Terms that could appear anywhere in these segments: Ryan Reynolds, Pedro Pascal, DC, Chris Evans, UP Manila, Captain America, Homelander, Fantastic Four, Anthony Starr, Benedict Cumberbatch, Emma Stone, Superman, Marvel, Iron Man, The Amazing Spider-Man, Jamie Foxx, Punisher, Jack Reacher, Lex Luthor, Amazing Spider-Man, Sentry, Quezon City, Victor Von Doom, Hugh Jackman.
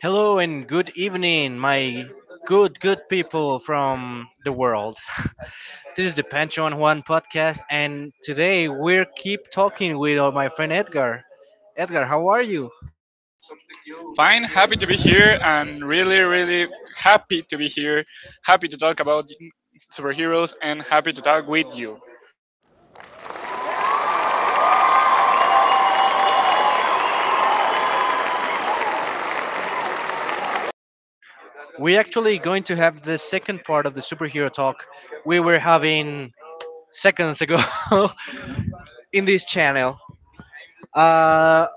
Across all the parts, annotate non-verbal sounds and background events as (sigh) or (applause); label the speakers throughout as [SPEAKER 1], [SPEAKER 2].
[SPEAKER 1] Hello and good evening, my good people from the world. (laughs) This is the Pancho on Juan podcast, and today we're keep talking with my friend Edgar. Edgar, how are you?
[SPEAKER 2] Fine, happy to be here and really happy to be here. Happy to talk about superheroes and happy to talk with you.
[SPEAKER 1] We're actually going to have the second part of the superhero talk we were having seconds ago (laughs) in this channel. Uh,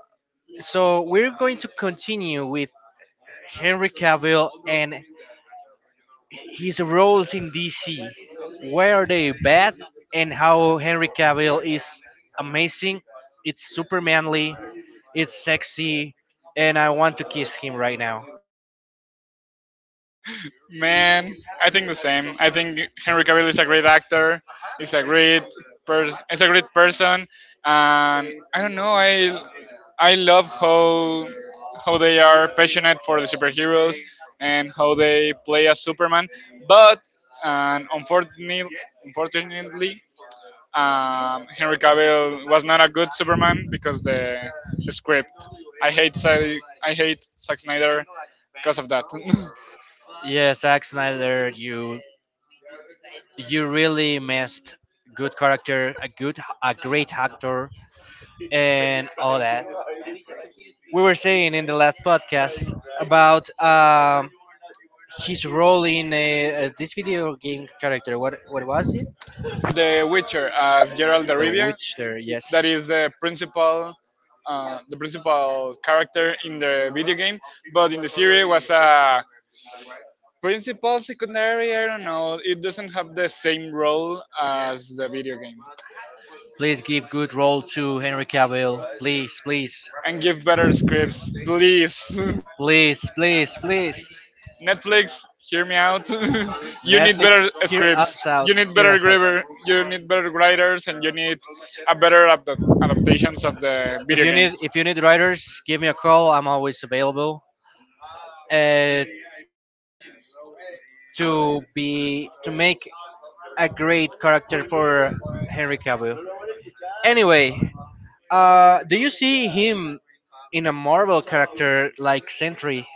[SPEAKER 1] so we're going to continue with Henry Cavill and his roles in DC, were they bad, and how Henry Cavill is amazing. It's super manly, it's sexy, and I want to kiss him right now.
[SPEAKER 2] Man, I think the same. I think Henry Cavill is a great actor. He's a great He's a great person, and I don't know. I love how they are passionate for the superheroes and how they play as Superman. But and unfortunately, unfortunately, Henry Cavill was not a good Superman because the script. I hate Sa- I hate Zack Snyder because of that.
[SPEAKER 1] Yeah, Zack Snyder, you really missed good character, a great actor, and all that. We were saying in the last podcast about his role in this video game character. What was it?
[SPEAKER 2] (laughs) The Witcher as Geralt de
[SPEAKER 1] The
[SPEAKER 2] Rivia,
[SPEAKER 1] Witcher.
[SPEAKER 2] that
[SPEAKER 1] Yes,
[SPEAKER 2] is the principal. The principal character in the video game, but in the series was a principal secondary. I don't know. It doesn't have the same role as the video game.
[SPEAKER 1] please give good role to Henry Cavill. Please, please,
[SPEAKER 2] And give better scripts, please. (laughs)
[SPEAKER 1] please, please, please.
[SPEAKER 2] Netflix, hear me out. (laughs) You need
[SPEAKER 1] Netflix,
[SPEAKER 2] better
[SPEAKER 1] hear
[SPEAKER 2] scripts.
[SPEAKER 1] us out.
[SPEAKER 2] You need
[SPEAKER 1] Hear
[SPEAKER 2] better
[SPEAKER 1] us out.
[SPEAKER 2] grammar. You need better writers, and you need a better adaptations of the video games.
[SPEAKER 1] If you need writers, give me a call. I'm always available. Uh, to make a great character for Henry Cavill. Anyway, do you see him in a Marvel character like Sentry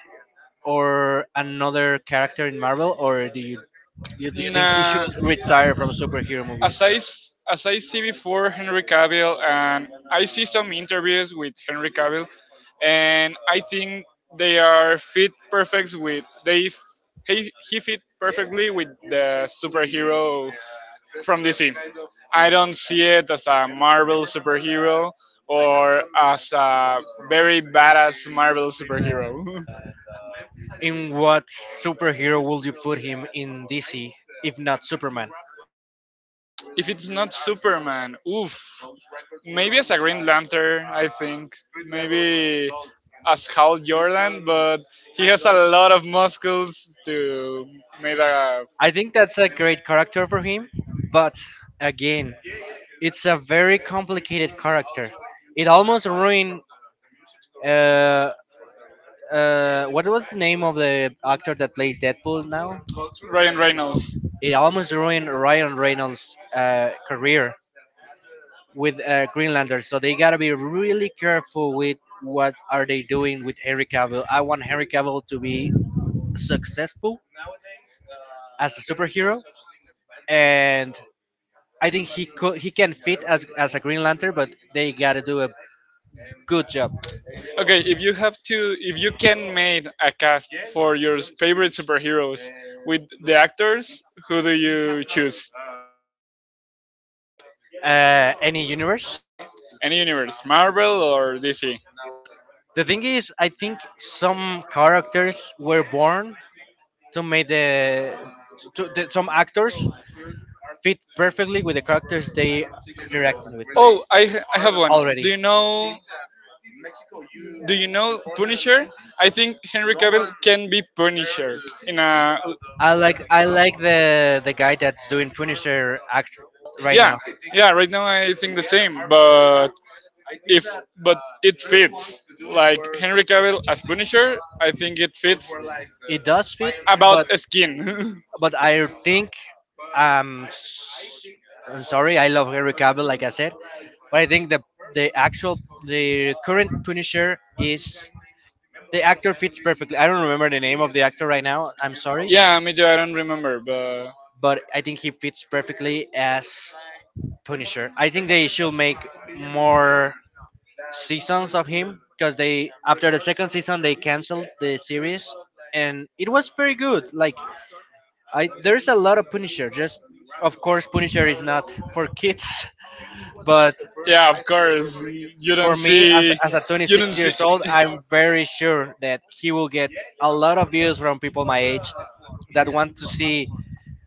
[SPEAKER 1] or another character in Marvel, or do you think he should
[SPEAKER 2] Nah,
[SPEAKER 1] retire from superhero movies?
[SPEAKER 2] as I see before Henry Cavill, and I see some interviews with Henry Cavill, and I think they are fit perfect with they f- he fit perfectly with the superhero from DC. I don't see it as a Marvel superhero or as a very badass Marvel superhero.
[SPEAKER 1] In what superhero would you put him in DC if not Superman?
[SPEAKER 2] (laughs) If it's not Superman, oof, maybe as a Green Lantern, I think. Maybe as Hal Jordan, but he has a lot of muscles to make a
[SPEAKER 1] I think that's a great character for him, but again, it's a very complicated character. It almost ruined. Uh, what was the name of the actor that plays Deadpool now?
[SPEAKER 2] Ryan Reynolds.
[SPEAKER 1] It almost ruined Ryan Reynolds' career with Greenlander. So they gotta be really careful with what are they doing with Henry Cavill. I want Henry Cavill to be successful as a superhero, and I think he can fit as a Green Lantern, but they gotta do a good job.
[SPEAKER 2] Okay, if you can make a cast for your favorite superheroes with the actors, who do you choose?
[SPEAKER 1] Any universe.
[SPEAKER 2] Any universe, Marvel or DC?
[SPEAKER 1] The thing is, I think some characters were born to make the, to, the some actors fit perfectly with the characters they interacting with
[SPEAKER 2] Oh, I have one. Do
[SPEAKER 1] already.
[SPEAKER 2] you know Do you know Punisher? I think Henry Cavill can be Punisher in a
[SPEAKER 1] I like the guy that's doing Punisher act right
[SPEAKER 2] yeah
[SPEAKER 1] now.
[SPEAKER 2] yeah. right now I think the same, but if but it fits like Henry Cavill as Punisher, I think it fits
[SPEAKER 1] It does fit,
[SPEAKER 2] about
[SPEAKER 1] but
[SPEAKER 2] a skin. (laughs)
[SPEAKER 1] I think um I'm sorry, I love Henry Cavill, like I said, but I think the actual the current Punisher is the actor fits perfectly. I don't remember the name of the actor right now. I'm sorry,
[SPEAKER 2] Yeah, me too. I don't remember, but
[SPEAKER 1] but I think he fits perfectly as Punisher. I think they should make more seasons of him because they after the second season they canceled the series and it was very good. Like I there's a lot of Punisher. Just of course Punisher is not for kids, (laughs) but
[SPEAKER 2] yeah, of course
[SPEAKER 1] for me, as, a
[SPEAKER 2] you don't
[SPEAKER 1] 26
[SPEAKER 2] see.
[SPEAKER 1] years old, I'm very sure that he will get a lot of views from people my age that want to see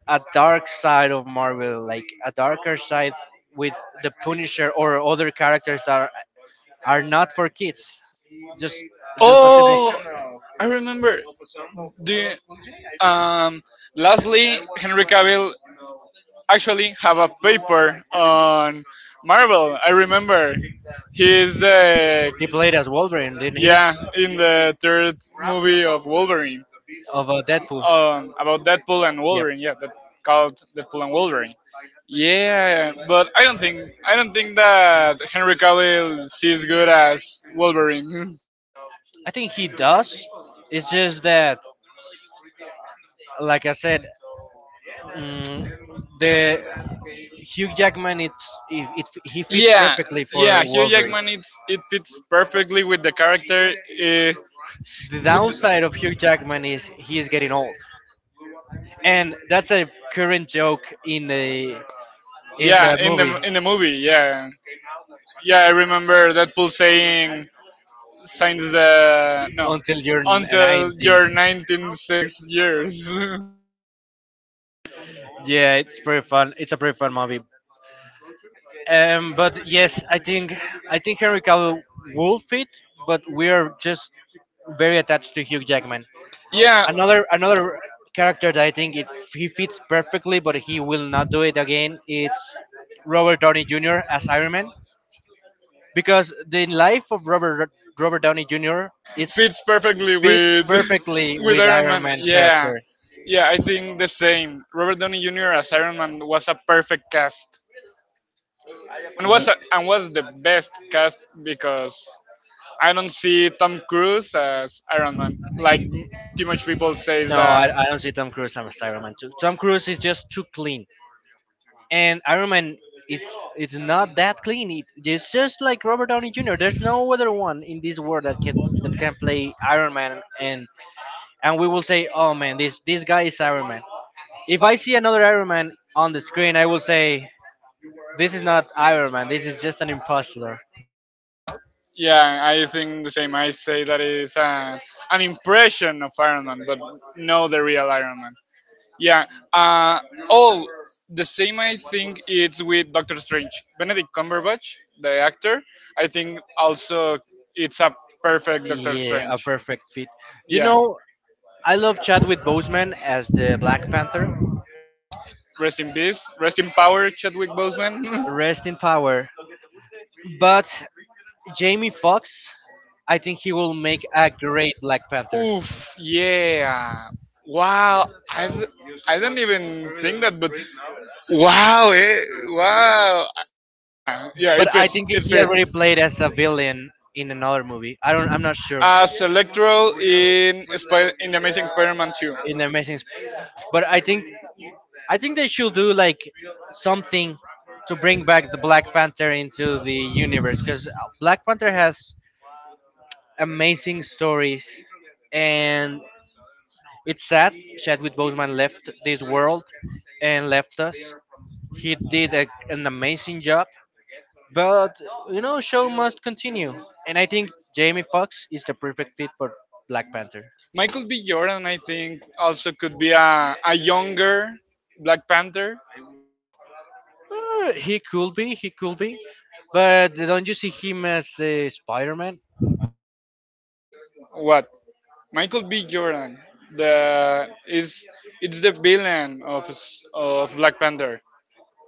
[SPEAKER 1] a dark side of Marvel, like a darker side with the Punisher or other characters that are not for kids. Just just a simple.
[SPEAKER 2] Oh, I remember. Do you, Um, lastly, Henry Cavill actually have a paper on Marvel. I remember he is the
[SPEAKER 1] He played as Wolverine, didn't he?
[SPEAKER 2] Yeah, in the third movie of Wolverine
[SPEAKER 1] Of Deadpool.
[SPEAKER 2] about Deadpool and
[SPEAKER 1] Yep.
[SPEAKER 2] Wolverine. Yeah, that called Deadpool and Wolverine. Yeah, but I don't think that Henry Cavill sees good as Wolverine.
[SPEAKER 1] I think he does. It's just that, like I said, Mm, the Hugh Jackman it he
[SPEAKER 2] (laughs)
[SPEAKER 1] fits
[SPEAKER 2] yeah,
[SPEAKER 1] perfectly
[SPEAKER 2] yeah,
[SPEAKER 1] for
[SPEAKER 2] Hugh
[SPEAKER 1] Wolverine.
[SPEAKER 2] Jackman it fits perfectly with the character. Uh,
[SPEAKER 1] The downside
[SPEAKER 2] with,
[SPEAKER 1] of Hugh Jackman is he is getting old, and that's a current joke in the in
[SPEAKER 2] Yeah,
[SPEAKER 1] the movie
[SPEAKER 2] in the movie, yeah, yeah, I remember Deadpool saying since the no
[SPEAKER 1] until you're
[SPEAKER 2] until
[SPEAKER 1] 90.
[SPEAKER 2] your 196 years. (laughs)
[SPEAKER 1] Yeah, it's pretty fun. It's a pretty fun movie. But yes, I think Henry Cavill will fit, but we are just very attached to Hugh Jackman.
[SPEAKER 2] Yeah,
[SPEAKER 1] Another character that I think it he fits perfectly, but he will not do it again. It's Robert Downey Jr. as Iron Man because the life of Robert Downey Jr. it
[SPEAKER 2] fits perfectly
[SPEAKER 1] fits
[SPEAKER 2] with (laughs)
[SPEAKER 1] perfectly
[SPEAKER 2] with
[SPEAKER 1] with
[SPEAKER 2] Iron
[SPEAKER 1] Iron
[SPEAKER 2] Man.
[SPEAKER 1] Man
[SPEAKER 2] Yeah,
[SPEAKER 1] character.
[SPEAKER 2] yeah, I think the same. Robert Downey Jr. as Iron Man was a perfect cast,
[SPEAKER 1] Ye-
[SPEAKER 2] and was the best cast because I don't see Tom Cruise as Iron Man. Like too much people say
[SPEAKER 1] No,
[SPEAKER 2] that
[SPEAKER 1] I don't see Tom Cruise as Iron Man. Too. Tom Cruise is just too clean, and Iron Man is it's not that clean. It's just like Robert Downey Jr. There's no other one in this world that can play Iron Man and we will say, "Oh man, this guy is Iron Man." If I see another Iron Man on the screen, I will say, "This is not Iron Man. This is just an imposter."
[SPEAKER 2] yeah, I think the same. I say that is an impression of Iron Man, but no, the real Iron Man. Yeah. Uh, oh, the same. I think it's with Doctor Strange. Benedict Cumberbatch, the actor. I think also it's a perfect Doctor
[SPEAKER 1] Yeah, a
[SPEAKER 2] Strange.
[SPEAKER 1] perfect fit. You
[SPEAKER 2] Yeah.
[SPEAKER 1] know, I love Chadwick Boseman as the Black Panther.
[SPEAKER 2] Rest in peace. Rest in power, Chadwick Boseman.
[SPEAKER 1] Rest in power. But Jamie Foxx, I think he will make a great Black
[SPEAKER 2] (laughs)
[SPEAKER 1] Panther.
[SPEAKER 2] Oof. Yeah. Wow. I didn't even think that, but wow. Eh, wow. Yeah,
[SPEAKER 1] But
[SPEAKER 2] it
[SPEAKER 1] I
[SPEAKER 2] fits.
[SPEAKER 1] think
[SPEAKER 2] It
[SPEAKER 1] he already
[SPEAKER 2] fits.
[SPEAKER 1] played as a villain in another movie. I don't. I'm not sure
[SPEAKER 2] As Electro in in the Amazing Spider-Man 2.
[SPEAKER 1] in the Amazing. Sp- But I think they should do like something to bring back the Black Panther into the universe because Black Panther has amazing stories, and it's sad Chadwick Boseman left this world and left us. He did a, an amazing job, but you know, show must continue, and I think Jamie Foxx is the perfect fit for Black Panther.
[SPEAKER 2] Michael B. Jordan, I think, also could be a younger Black Panther.
[SPEAKER 1] He could be, but don't you see him as the Spider-Man?
[SPEAKER 2] What? Michael B. Jordan, the is it's the villain of of Black Panther.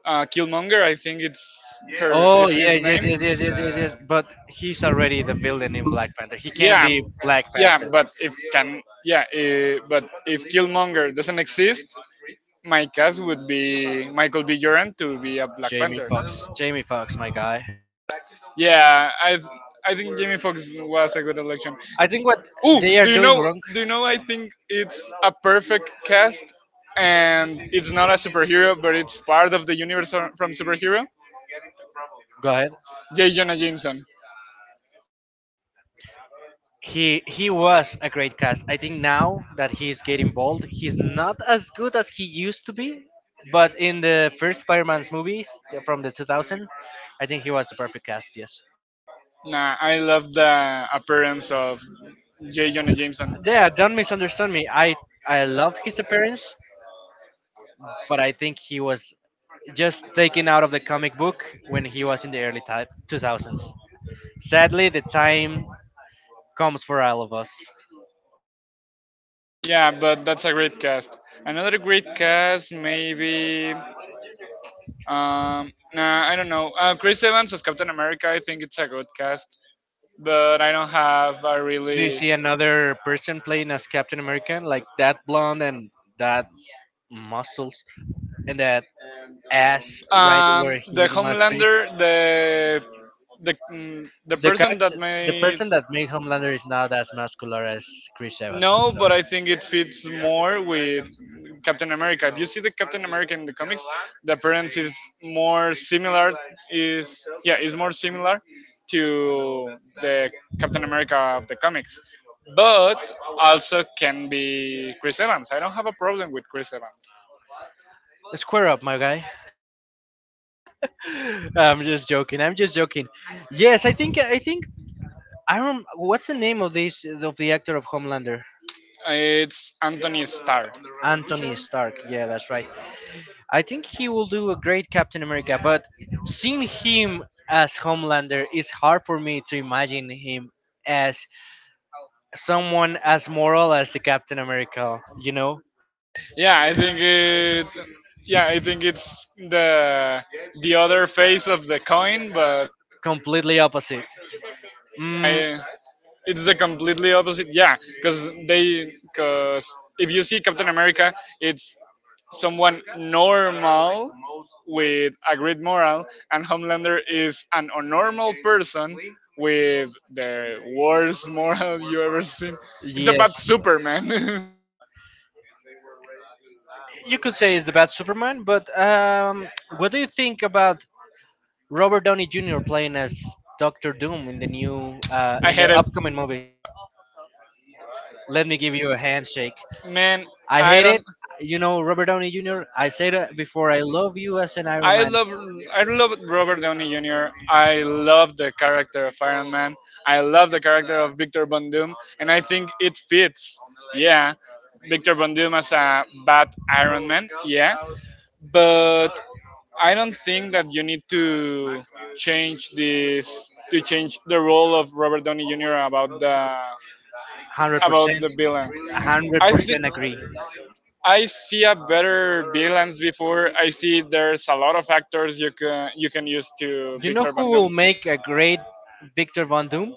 [SPEAKER 2] Killmonger, I think it's her
[SPEAKER 1] Oh
[SPEAKER 2] is
[SPEAKER 1] yeah,
[SPEAKER 2] his name.
[SPEAKER 1] yes. But he's already the villain in Black Panther. He can't
[SPEAKER 2] Yeah,
[SPEAKER 1] be Black
[SPEAKER 2] yeah,
[SPEAKER 1] Panther.
[SPEAKER 2] but if can yeah, but if Killmonger doesn't exist, my cast would be Michael B. Jordan to be a Black
[SPEAKER 1] Jamie
[SPEAKER 2] Panther.
[SPEAKER 1] Fox. Jamie Fox, my guy.
[SPEAKER 2] Yeah, I think Jamie Foxx was a good election.
[SPEAKER 1] I think what
[SPEAKER 2] Ooh,
[SPEAKER 1] they are
[SPEAKER 2] do you
[SPEAKER 1] doing
[SPEAKER 2] know?
[SPEAKER 1] wrong.
[SPEAKER 2] Do you know? I think it's a perfect cast, and it's not a superhero, but it's part of the universe from superhero.
[SPEAKER 1] Go ahead.
[SPEAKER 2] J. Jonah Jameson.
[SPEAKER 1] He was a great cast. I think now that he's getting bold, he's not as good as he used to be. But in the first Spider-Man's movies from the 2000, I think he was the perfect cast. Yes.
[SPEAKER 2] Nah, I love the appearance of J. Jonah Jameson.
[SPEAKER 1] Yeah. Don't misunderstand me. I love his appearance. But I think he was just taken out of the comic book when he was in the 2000s. Sadly, the time comes for all of us.
[SPEAKER 2] Yeah, but that's a great cast. Another great cast, maybe. Nah, I don't know. Chris Evans as Captain America, I think it's a good cast, but I don't have a
[SPEAKER 1] Do you
[SPEAKER 2] really
[SPEAKER 1] see another person playing as Captain America, like that blonde and that muscles and that ass right where
[SPEAKER 2] The
[SPEAKER 1] he must be.
[SPEAKER 2] Homelander, the
[SPEAKER 1] The
[SPEAKER 2] person that
[SPEAKER 1] character, the
[SPEAKER 2] made.
[SPEAKER 1] person that made Homelander is not as muscular as Chris Evans. I'm
[SPEAKER 2] No, but
[SPEAKER 1] sorry.
[SPEAKER 2] I think it fits more with Captain America. If you see the Captain America in the comics, the appearance is more similar. Is Yeah, is more similar to the Captain America of the comics, but also can be Chris Evans. I don't have a problem with Chris Evans.
[SPEAKER 1] Square up, my guy. (laughs) I'm just joking. I'm just joking. Yes, I think what's the name of this of the actor of Homelander?
[SPEAKER 2] It's Anthony Starr.
[SPEAKER 1] Anthony Stark. Yeah, that's right. I think he will do a great Captain America, but seeing him as Homelander is hard for me to imagine him as someone as moral as the Captain America, you know?
[SPEAKER 2] Yeah, I think it. Yeah, I think it's the other face of the coin, but
[SPEAKER 1] Completely opposite. Mm,
[SPEAKER 2] I it's the completely opposite. Yeah, because if you see Captain America, it's someone normal with a great moral, and Homelander is an unnormal person with the worst moral (laughs) you ever seen. It's about
[SPEAKER 1] yes.
[SPEAKER 2] Superman.
[SPEAKER 1] You could say it's the bad Superman, but what do you think about Robert Downey Jr. playing as Doctor Doom in the new
[SPEAKER 2] (laughs) I
[SPEAKER 1] in
[SPEAKER 2] hate
[SPEAKER 1] the
[SPEAKER 2] it,
[SPEAKER 1] upcoming movie? Let me give you a handshake.
[SPEAKER 2] man.
[SPEAKER 1] I
[SPEAKER 2] I
[SPEAKER 1] hate
[SPEAKER 2] don't.
[SPEAKER 1] it. You know, Robert Downey Jr., I said it before, I love you as an Iron
[SPEAKER 2] I
[SPEAKER 1] Man.
[SPEAKER 2] love I love Robert Downey Jr. I love the character of Iron Man. I love the character of Victor Von Doom, and I think it fits. Yeah, Victor Von Doom as a bad Iron Man. Yeah, but I don't think that you need to change the role of Robert Downey Jr. About
[SPEAKER 1] 100%,
[SPEAKER 2] the villain. I
[SPEAKER 1] 100%
[SPEAKER 2] think
[SPEAKER 1] agree.
[SPEAKER 2] I see a better balance before. I see there's a lot of actors you can use to
[SPEAKER 1] You know
[SPEAKER 2] Victor
[SPEAKER 1] who
[SPEAKER 2] Bandung.
[SPEAKER 1] will make a great Victor Von Doom?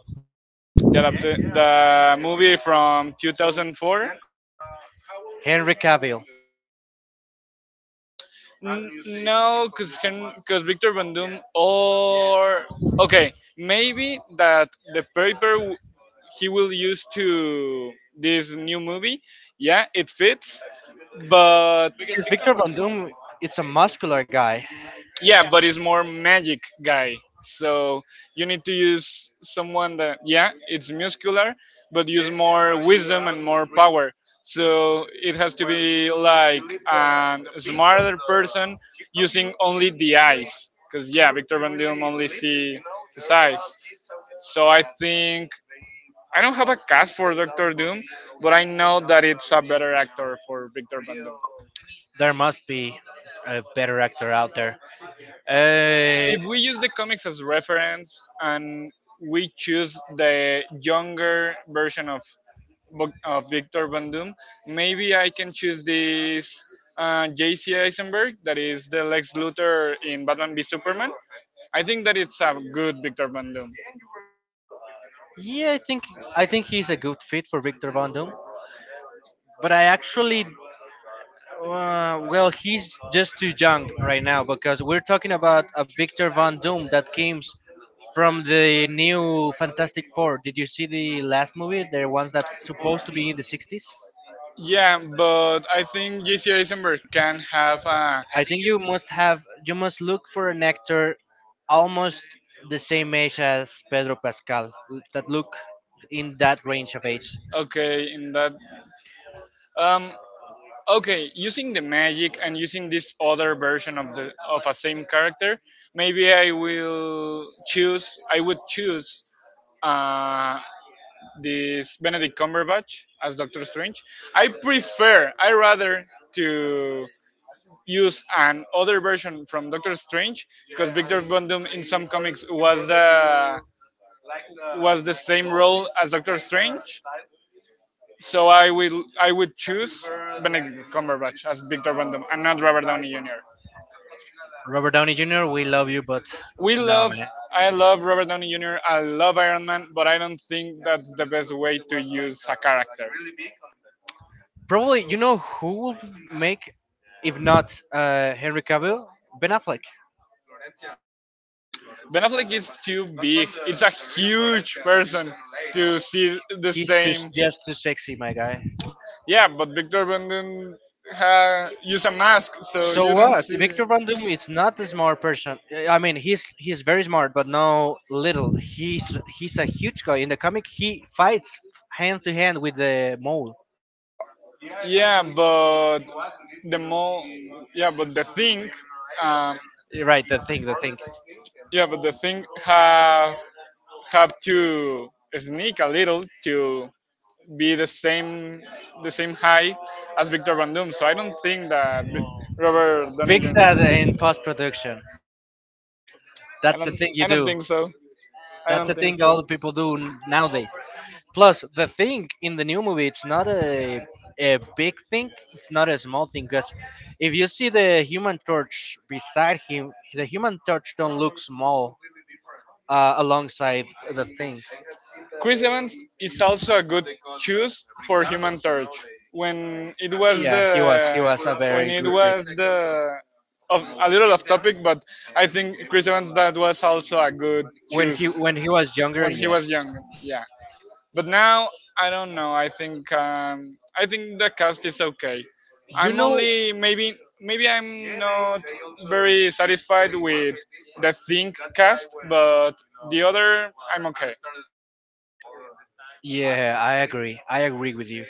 [SPEAKER 2] The movie from 2004.
[SPEAKER 1] Henry Cavill.
[SPEAKER 2] No, because Victor Bandung or okay maybe that the paper w- he will use to this new movie. Yeah, it fits, but
[SPEAKER 1] Because Victor Von Doom, it's a muscular guy.
[SPEAKER 2] yeah but it's more magic guy, so you need to use someone that yeah it's muscular but use more wisdom and more power, so it has to be like a smarter person using only the eyes because yeah Victor Van Doom only see his eyes. So I think I don't have a cast for Doctor Doom, but I know that it's a better actor for Victor Van Doom.
[SPEAKER 1] There must be a better actor out there. Uh,
[SPEAKER 2] If we use the comics as reference and we choose the younger version of of Victor Van Doom, maybe I can choose this J.C. Eisenberg that is the Lex Luthor in Batman v Superman. I think that it's a good Victor Van Doom.
[SPEAKER 1] yeah, I think he's a good fit for Victor Von Doom. But I actually Well, he's just too young right now because we're talking about a Victor Von Doom that came from the new Fantastic Four. Did you see the last movie? The ones that's supposed to be in the 60s?
[SPEAKER 2] Yeah, but I think J.C. Eisenberg can have a
[SPEAKER 1] I think you must look for an actor almost the same age as Pedro Pascal that look in that range of age.
[SPEAKER 2] okay in that. Um, Okay, using the magic and using this other version of the of a same character, maybe I will choose. I would choose uh, this Benedict Cumberbatch as Doctor Strange. I prefer. I rather to use an other version from Doctor Strange because Victor Von Doom in some comics was the same role as Doctor Strange. So I would choose Benedict Cumberbatch as Victor Von Doom and not Robert Downey Jr.
[SPEAKER 1] Robert Downey Jr., we love you, but
[SPEAKER 2] we
[SPEAKER 1] no,
[SPEAKER 2] love
[SPEAKER 1] man.
[SPEAKER 2] I love Robert Downey Jr. I love Iron Man, but I don't think that's the best way to use a character.
[SPEAKER 1] Probably, you know who will make, if not Henry Cavill, Ben Affleck.
[SPEAKER 2] Ben Affleck is too big. It's a huge person to see the
[SPEAKER 1] He's
[SPEAKER 2] same.
[SPEAKER 1] just too sexy, my guy.
[SPEAKER 2] Yeah, but Victor Bandun ha use a mask, so
[SPEAKER 1] So
[SPEAKER 2] you don't
[SPEAKER 1] what?
[SPEAKER 2] see.
[SPEAKER 1] Victor Van Doom is not a smart person. I mean, he's very smart, but no little. He's a huge guy. In the comic, he fights hand to hand with the mole.
[SPEAKER 2] Yeah, but the more. Yeah, but the thing. Um,
[SPEAKER 1] The thing.
[SPEAKER 2] yeah, but the thing have to sneak a little to be the same high as Victor Bandum. So I don't think that Robert Downey
[SPEAKER 1] Fix
[SPEAKER 2] Jr.
[SPEAKER 1] that in post production.
[SPEAKER 2] I
[SPEAKER 1] That's the
[SPEAKER 2] don't
[SPEAKER 1] thing you
[SPEAKER 2] I don't
[SPEAKER 1] do.
[SPEAKER 2] think so. I
[SPEAKER 1] That's the
[SPEAKER 2] don't think
[SPEAKER 1] thing all the
[SPEAKER 2] so.
[SPEAKER 1] people do nowadays. Plus, the thing in the new movie, it's not a big thing. It's not a small thing. Because if you see the Human Torch beside him, the Human Torch don't look small alongside the thing.
[SPEAKER 2] Chris Evans is also a good choice for Human Torch. When it was
[SPEAKER 1] Yeah, he
[SPEAKER 2] the
[SPEAKER 1] was a
[SPEAKER 2] when
[SPEAKER 1] very
[SPEAKER 2] it
[SPEAKER 1] good pick.
[SPEAKER 2] was a little off topic, but I think Chris Evans that was also a good choice
[SPEAKER 1] When he was younger,
[SPEAKER 2] when he
[SPEAKER 1] yes.
[SPEAKER 2] was young. Yeah. But now I don't know. I think the cast is okay.
[SPEAKER 1] You
[SPEAKER 2] I'm
[SPEAKER 1] know,
[SPEAKER 2] only maybe I'm not very satisfied with the Think cast, but the other I'm okay.
[SPEAKER 1] yeah, I agree. I agree with you.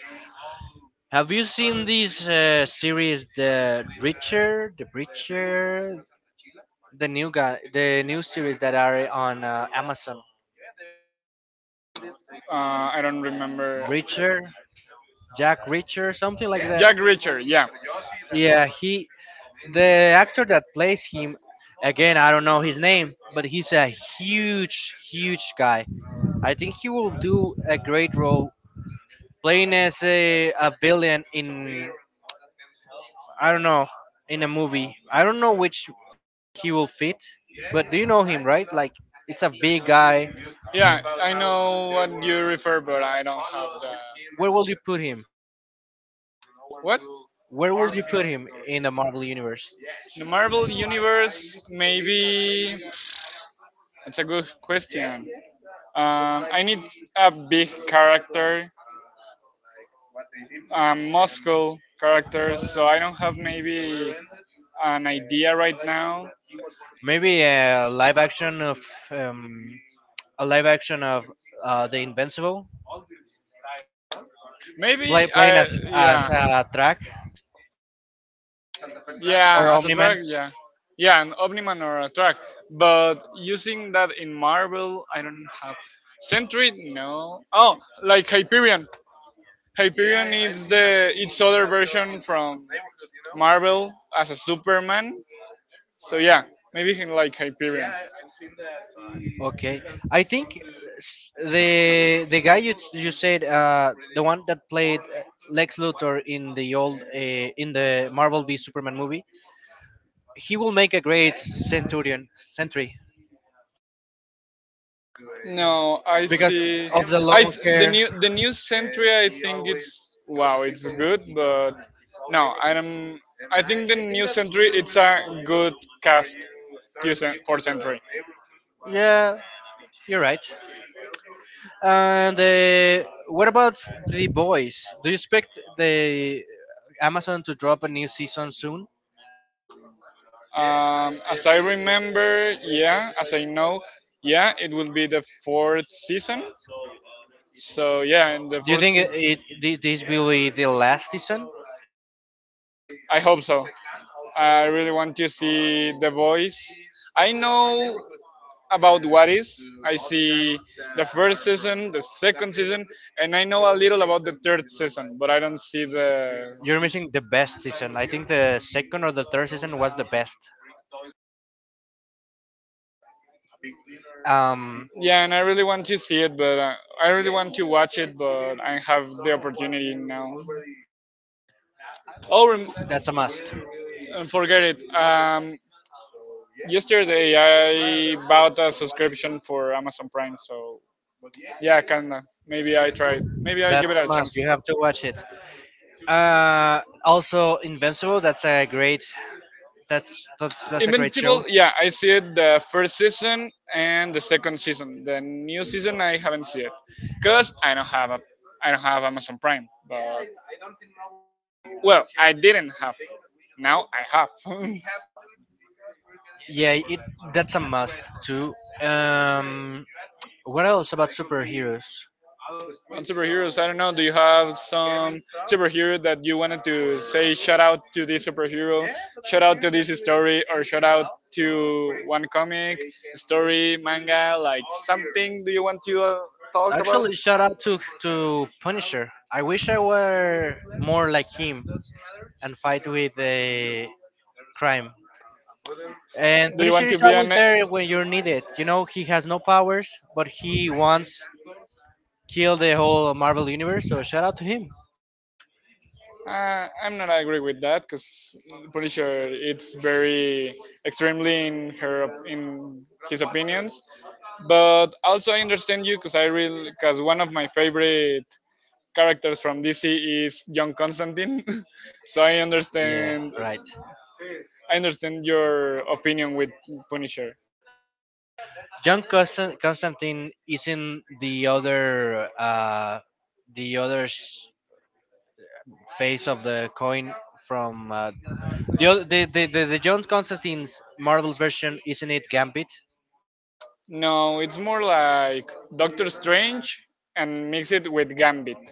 [SPEAKER 1] Have you seen this series, The Breacher, the new series that are on Amazon?
[SPEAKER 2] I don't remember
[SPEAKER 1] Reacher, Jack Reacher, something like that.
[SPEAKER 2] Jack Richard. Yeah,
[SPEAKER 1] Yeah, he, the actor that plays him, again, I don't know his name, but he's a huge guy. I think he will do a great role playing as a villain in, I don't know, in a movie. I don't know which he will fit, but do you know him, right? Like, it's a big guy.
[SPEAKER 2] yeah. I know what you refer, but I don't have the
[SPEAKER 1] Where will you put him?
[SPEAKER 2] what
[SPEAKER 1] Where would you put him in the Marvel universe?
[SPEAKER 2] the Marvel universe. Maybe it's a good question. I need a big character Moscow characters, so I don't have maybe an idea right now.
[SPEAKER 1] Maybe um, a live action of The Invincible,
[SPEAKER 2] Maybe
[SPEAKER 1] playing
[SPEAKER 2] I
[SPEAKER 1] as
[SPEAKER 2] yeah
[SPEAKER 1] a track
[SPEAKER 2] yeah
[SPEAKER 1] or
[SPEAKER 2] as a
[SPEAKER 1] Omni Man.
[SPEAKER 2] drug, yeah, yeah an Omniman or a track, but using that in Marvel I don't have Sentry no oh like Hyperion. Hyperion is the its other version from Marvel as a Superman. So yeah, maybe like Hyperion.
[SPEAKER 1] Okay, I think the guy you said the one that played Lex Luthor in the old in the Marvel v Superman movie, he will make a great Centurion Sentry
[SPEAKER 2] No, I
[SPEAKER 1] because
[SPEAKER 2] see.
[SPEAKER 1] of the long
[SPEAKER 2] The
[SPEAKER 1] hair.
[SPEAKER 2] new Centria. I think it's wow, it's good, but no, I am. I think the new Century it's a good cast to for Century.
[SPEAKER 1] Yeah, you're right. And what about the boys? Do you expect the Amazon to drop a new season soon?
[SPEAKER 2] As I remember, yeah, as I know, yeah, it will be the fourth season. So yeah, in the
[SPEAKER 1] Do you
[SPEAKER 2] fourth,
[SPEAKER 1] think this will be the last season?
[SPEAKER 2] I hope so. I really want to see The Voice. I know about what is. I see the first season, the second season, and I know a little about the third season, but I don't see the.
[SPEAKER 1] You're missing the best season. I think the second or the third season was the best. Um,
[SPEAKER 2] Yeah, and I really want to see it, but I really want to watch it, but I have the opportunity now. Oh, rem-
[SPEAKER 1] that's a must.
[SPEAKER 2] forget it. Yesterday I bought a subscription for Amazon Prime, so yeah, kinda. Maybe I try it. Maybe I give
[SPEAKER 1] That's
[SPEAKER 2] it
[SPEAKER 1] a
[SPEAKER 2] a
[SPEAKER 1] must.
[SPEAKER 2] chance.
[SPEAKER 1] You have to watch it. Also Invincible. That's a great. That's that's a great show.
[SPEAKER 2] Invincible, yeah, I see it the first season and the second season. The new season I haven't seen it because I don't have Amazon Prime. But well, I didn't have. Now I have. (laughs)
[SPEAKER 1] Yeah, it that's a must too. Um, what else about superheroes?
[SPEAKER 2] On superheroes, I don't know. Do you have some superhero that you wanted to say shout out to this superhero, shout out to this story, or shout out to one comic, story, manga, like something? Do you want to talk about?
[SPEAKER 1] Actually, shout out to Punisher. I wish I were more like him and fight with a crime. And
[SPEAKER 2] Do you
[SPEAKER 1] Punisher
[SPEAKER 2] want
[SPEAKER 1] is
[SPEAKER 2] to be
[SPEAKER 1] always
[SPEAKER 2] an
[SPEAKER 1] there when you're needed. You know, he has no powers, but he once killed the whole Marvel universe. So shout out to him.
[SPEAKER 2] I'm not agree with that because Punisher it's very extremely in his opinions, but also I understand you because I really because one of my favorite characters from DC is John Constantine, (laughs) so
[SPEAKER 1] Yeah, right.
[SPEAKER 2] I understand your opinion with Punisher.
[SPEAKER 1] John Constantine is in the other face of the coin from the, oth- the John Constantine's Marvel's version, isn't it Gambit?
[SPEAKER 2] No, it's more like Doctor Strange and mix it with Gambit.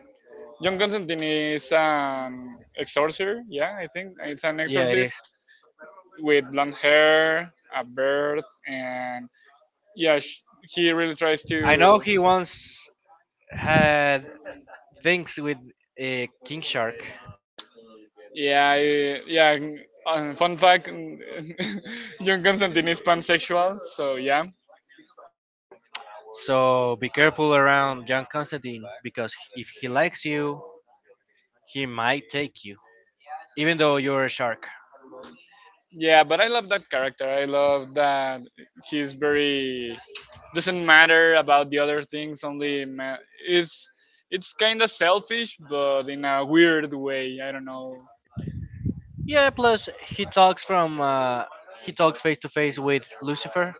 [SPEAKER 2] John Constantine is an exorcist, yeah, I think it's an
[SPEAKER 1] Yeah, it is.
[SPEAKER 2] exorcist with blonde hair, a beard, and yeah, sh- he really tries
[SPEAKER 1] I know
[SPEAKER 2] to.
[SPEAKER 1] he once had things with King Shark.
[SPEAKER 2] Yeah, yeah. Fun fact: (laughs) John Constantine is pansexual, so yeah,
[SPEAKER 1] So be careful around John Constantine because if he likes you, he might take you, even though you're a shark.
[SPEAKER 2] yeah. But I love that character. I love that he's very doesn't matter about the other things. Only ma- is it's kind of selfish, but in a weird way. I don't know.
[SPEAKER 1] Yeah, plus he talks from he talks face to face with Lucifer,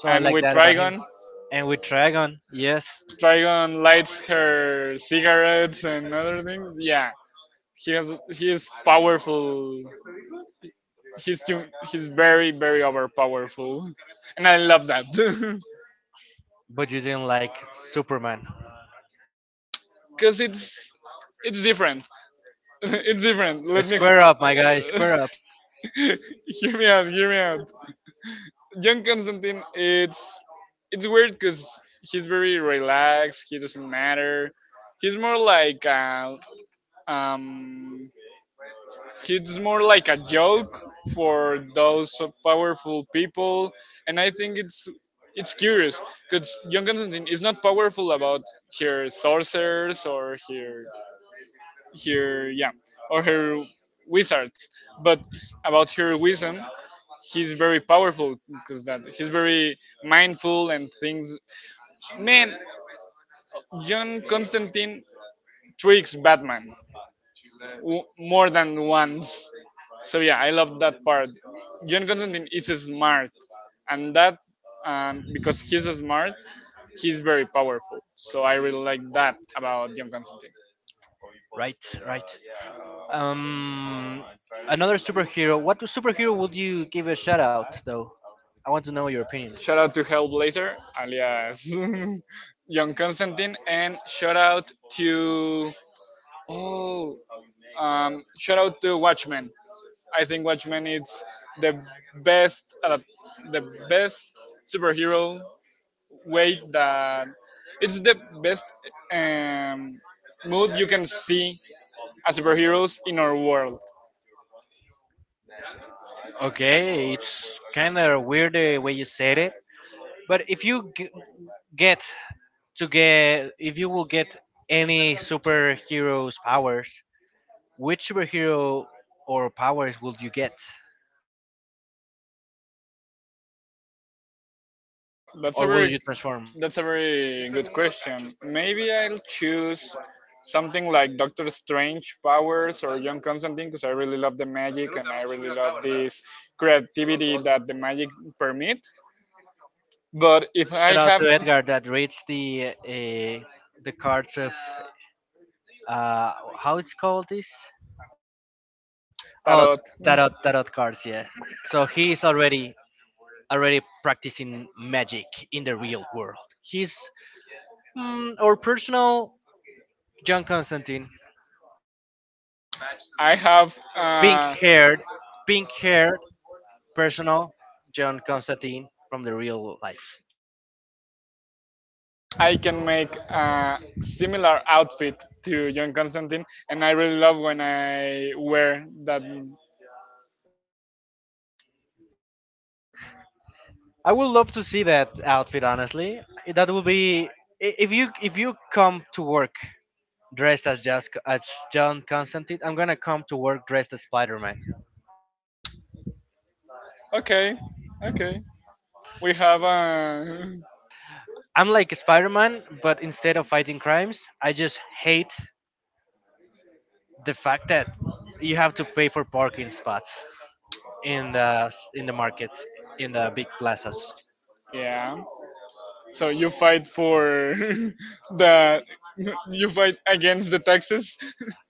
[SPEAKER 1] so I
[SPEAKER 2] And
[SPEAKER 1] like
[SPEAKER 2] with
[SPEAKER 1] that about him.
[SPEAKER 2] Trigon,
[SPEAKER 1] And with Dragon, yes,
[SPEAKER 2] Trigon lights her cigarettes and other things. Yeah, he is powerful. He's too. He's very overpowerful, (laughs) and I love that. (laughs)
[SPEAKER 1] but you didn't like Superman.
[SPEAKER 2] Because it's different. (laughs) It's different. Let me. Square
[SPEAKER 1] Square
[SPEAKER 2] up,
[SPEAKER 1] up,
[SPEAKER 2] my
[SPEAKER 1] my
[SPEAKER 2] guy.
[SPEAKER 1] guy,
[SPEAKER 2] Square
[SPEAKER 1] square up.
[SPEAKER 2] up. (laughs) Hear me out. Hear me out. John Constantine. It's weird because he's very relaxed. He doesn't matter. He's more like a um it's more like a joke for those powerful people, and I think it's curious because John Constantine is not powerful about her sorcerers or her her yeah or her wizards, but about her wisdom, he's very powerful because that he's very mindful and things. Man, John Constantine tricks Batman, more than once. So yeah, I love that part. John Constantine is smart, and that because he's smart, he's very powerful. So I really like that about John Constantine.
[SPEAKER 1] Right, right. Um, Another superhero. What superhero would you give a shout out though? I want to know your opinion.
[SPEAKER 2] Shout out to Hellblazer, alias, (laughs) John Constantine, and shout out to oh, shout out to Watchmen. I think Watchmen is the best, uh, the best superhero way that it's the best, um, mood you can see as superheroes in our world.
[SPEAKER 1] Okay, it's kind of weird the way you said it. But if you get get, if you will get any superhero's powers, which superhero or powers will you get,
[SPEAKER 2] That's a
[SPEAKER 1] or will
[SPEAKER 2] very
[SPEAKER 1] you transform?
[SPEAKER 2] that's a very good question. Maybe I'll choose something like Doctor Strange powers or John Constantine because I really love the magic and I really love this creativity that the magic permit. But if I
[SPEAKER 1] Shout out
[SPEAKER 2] have
[SPEAKER 1] to Edgar that reads the cards of how it's called this? Oh,
[SPEAKER 2] tarot,
[SPEAKER 1] tarot cards. Yeah. So he is already practicing magic in the real world. He's mm, our personal John Constantine,
[SPEAKER 2] I have
[SPEAKER 1] pink haired, pink haired personal John Constantine from the real life.
[SPEAKER 2] I can make a similar outfit to John Constantine, and I really love when I wear that.
[SPEAKER 1] I would love to see that outfit. Honestly, that would be if you come to work dressed as just as John Constantine. I'm gonna come to work dressed as Spider Man.
[SPEAKER 2] Okay, okay. We have a
[SPEAKER 1] I'm like Spider Man, but instead of fighting crimes, I just hate the fact that you have to pay for parking spots in the markets in the big plazas.
[SPEAKER 2] yeah. So you fight for (laughs) the you fight against the taxes.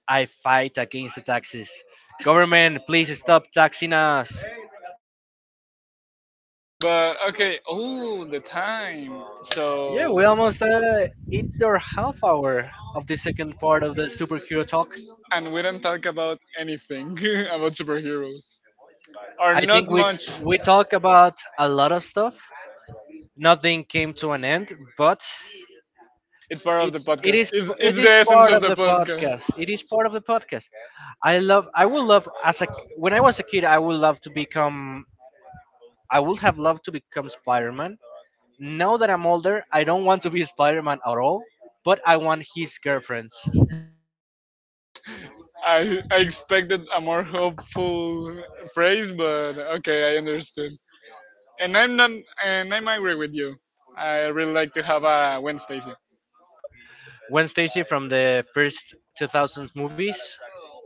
[SPEAKER 1] I fight against the taxes. Government, please stop taxing us.
[SPEAKER 2] (laughs) But okay. Oh, the time.
[SPEAKER 1] Yeah,
[SPEAKER 2] So
[SPEAKER 1] we almost hit our half hour of the second part of the superhero talk.
[SPEAKER 2] and we don't talk about anything (laughs) about superheroes or
[SPEAKER 1] I
[SPEAKER 2] not
[SPEAKER 1] think we
[SPEAKER 2] much.
[SPEAKER 1] we talk about a lot of stuff. Nothing came to an end, but
[SPEAKER 2] It's part of
[SPEAKER 1] it
[SPEAKER 2] the
[SPEAKER 1] it
[SPEAKER 2] podcast.
[SPEAKER 1] is it
[SPEAKER 2] It's the
[SPEAKER 1] is
[SPEAKER 2] essence
[SPEAKER 1] part
[SPEAKER 2] of
[SPEAKER 1] of
[SPEAKER 2] the
[SPEAKER 1] the
[SPEAKER 2] podcast.
[SPEAKER 1] podcast. It is part of the podcast. I love. I would love as a when I was a kid. I would love to become. I would have loved to become Spider Man. Now that I'm older, I don't want to be (laughs) Spider Man at all, but I want his girlfriends.
[SPEAKER 2] I expected a more hopeful phrase, but okay, I understood. And I'm not, and I'm angry with you. I really like to have a Wednesday.
[SPEAKER 1] Gwen Stacy from the first 2000s movies.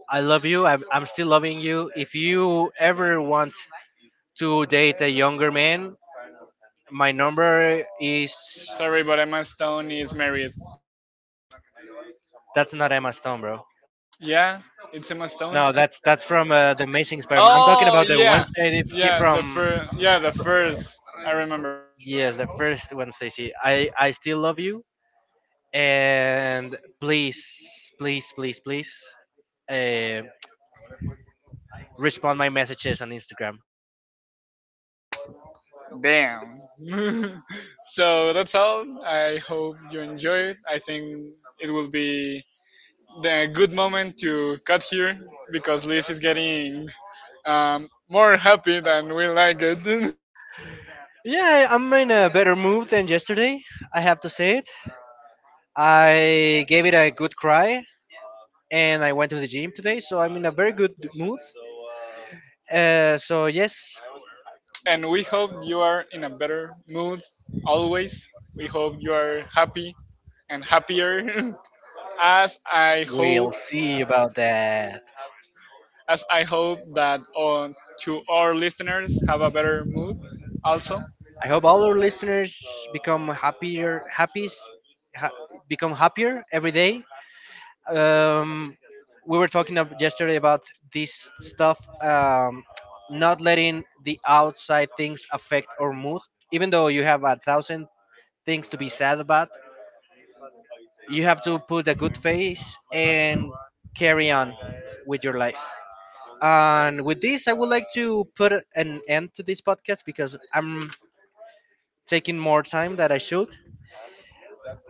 [SPEAKER 1] I love you. I'm still loving you. If you ever want to date a younger man, my number is.
[SPEAKER 2] Sorry, but Emma Stone is married.
[SPEAKER 1] That's not Emma Stone, bro.
[SPEAKER 2] Yeah, it's Emma Stone.
[SPEAKER 1] No, that's from the Amazing Spider-Man. I'm talking
[SPEAKER 2] Oh
[SPEAKER 1] about the
[SPEAKER 2] yeah,
[SPEAKER 1] Wednesday Stacy from.
[SPEAKER 2] yeah the first. I remember.
[SPEAKER 1] Yes, the first Wednesday Stacy. I still love you, and please. uh, respond my messages on Instagram.
[SPEAKER 2] Damn. (laughs) So that's all. I hope you enjoy it. I think it will be the good moment to cut here because Liz is getting more happy than we like it.
[SPEAKER 1] Yeah, I'm in a better mood than yesterday. I have to say it. I gave it a good cry, and I went to the gym today, so I'm in a very good mood. So yes,
[SPEAKER 2] (laughs) And we hope you are in a better mood always. We hope you are happy and happier. (laughs) as I hope,
[SPEAKER 1] we'll see about that.
[SPEAKER 2] as I hope that on to our listeners have a better mood also.
[SPEAKER 1] I hope all our listeners become ha- become happier every day, um, we were talking yesterday about this stuff not letting the outside things affect our mood, even though you have a thousand things to be sad about. You have to put a good face and carry on with your life, and with this I would like to put an end to this podcast because I'm taking more time than I should.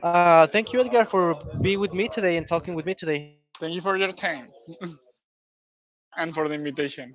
[SPEAKER 1] Thank you, Edgar, for being with me today and talking with me today.
[SPEAKER 2] Thank you for your time and for the invitation.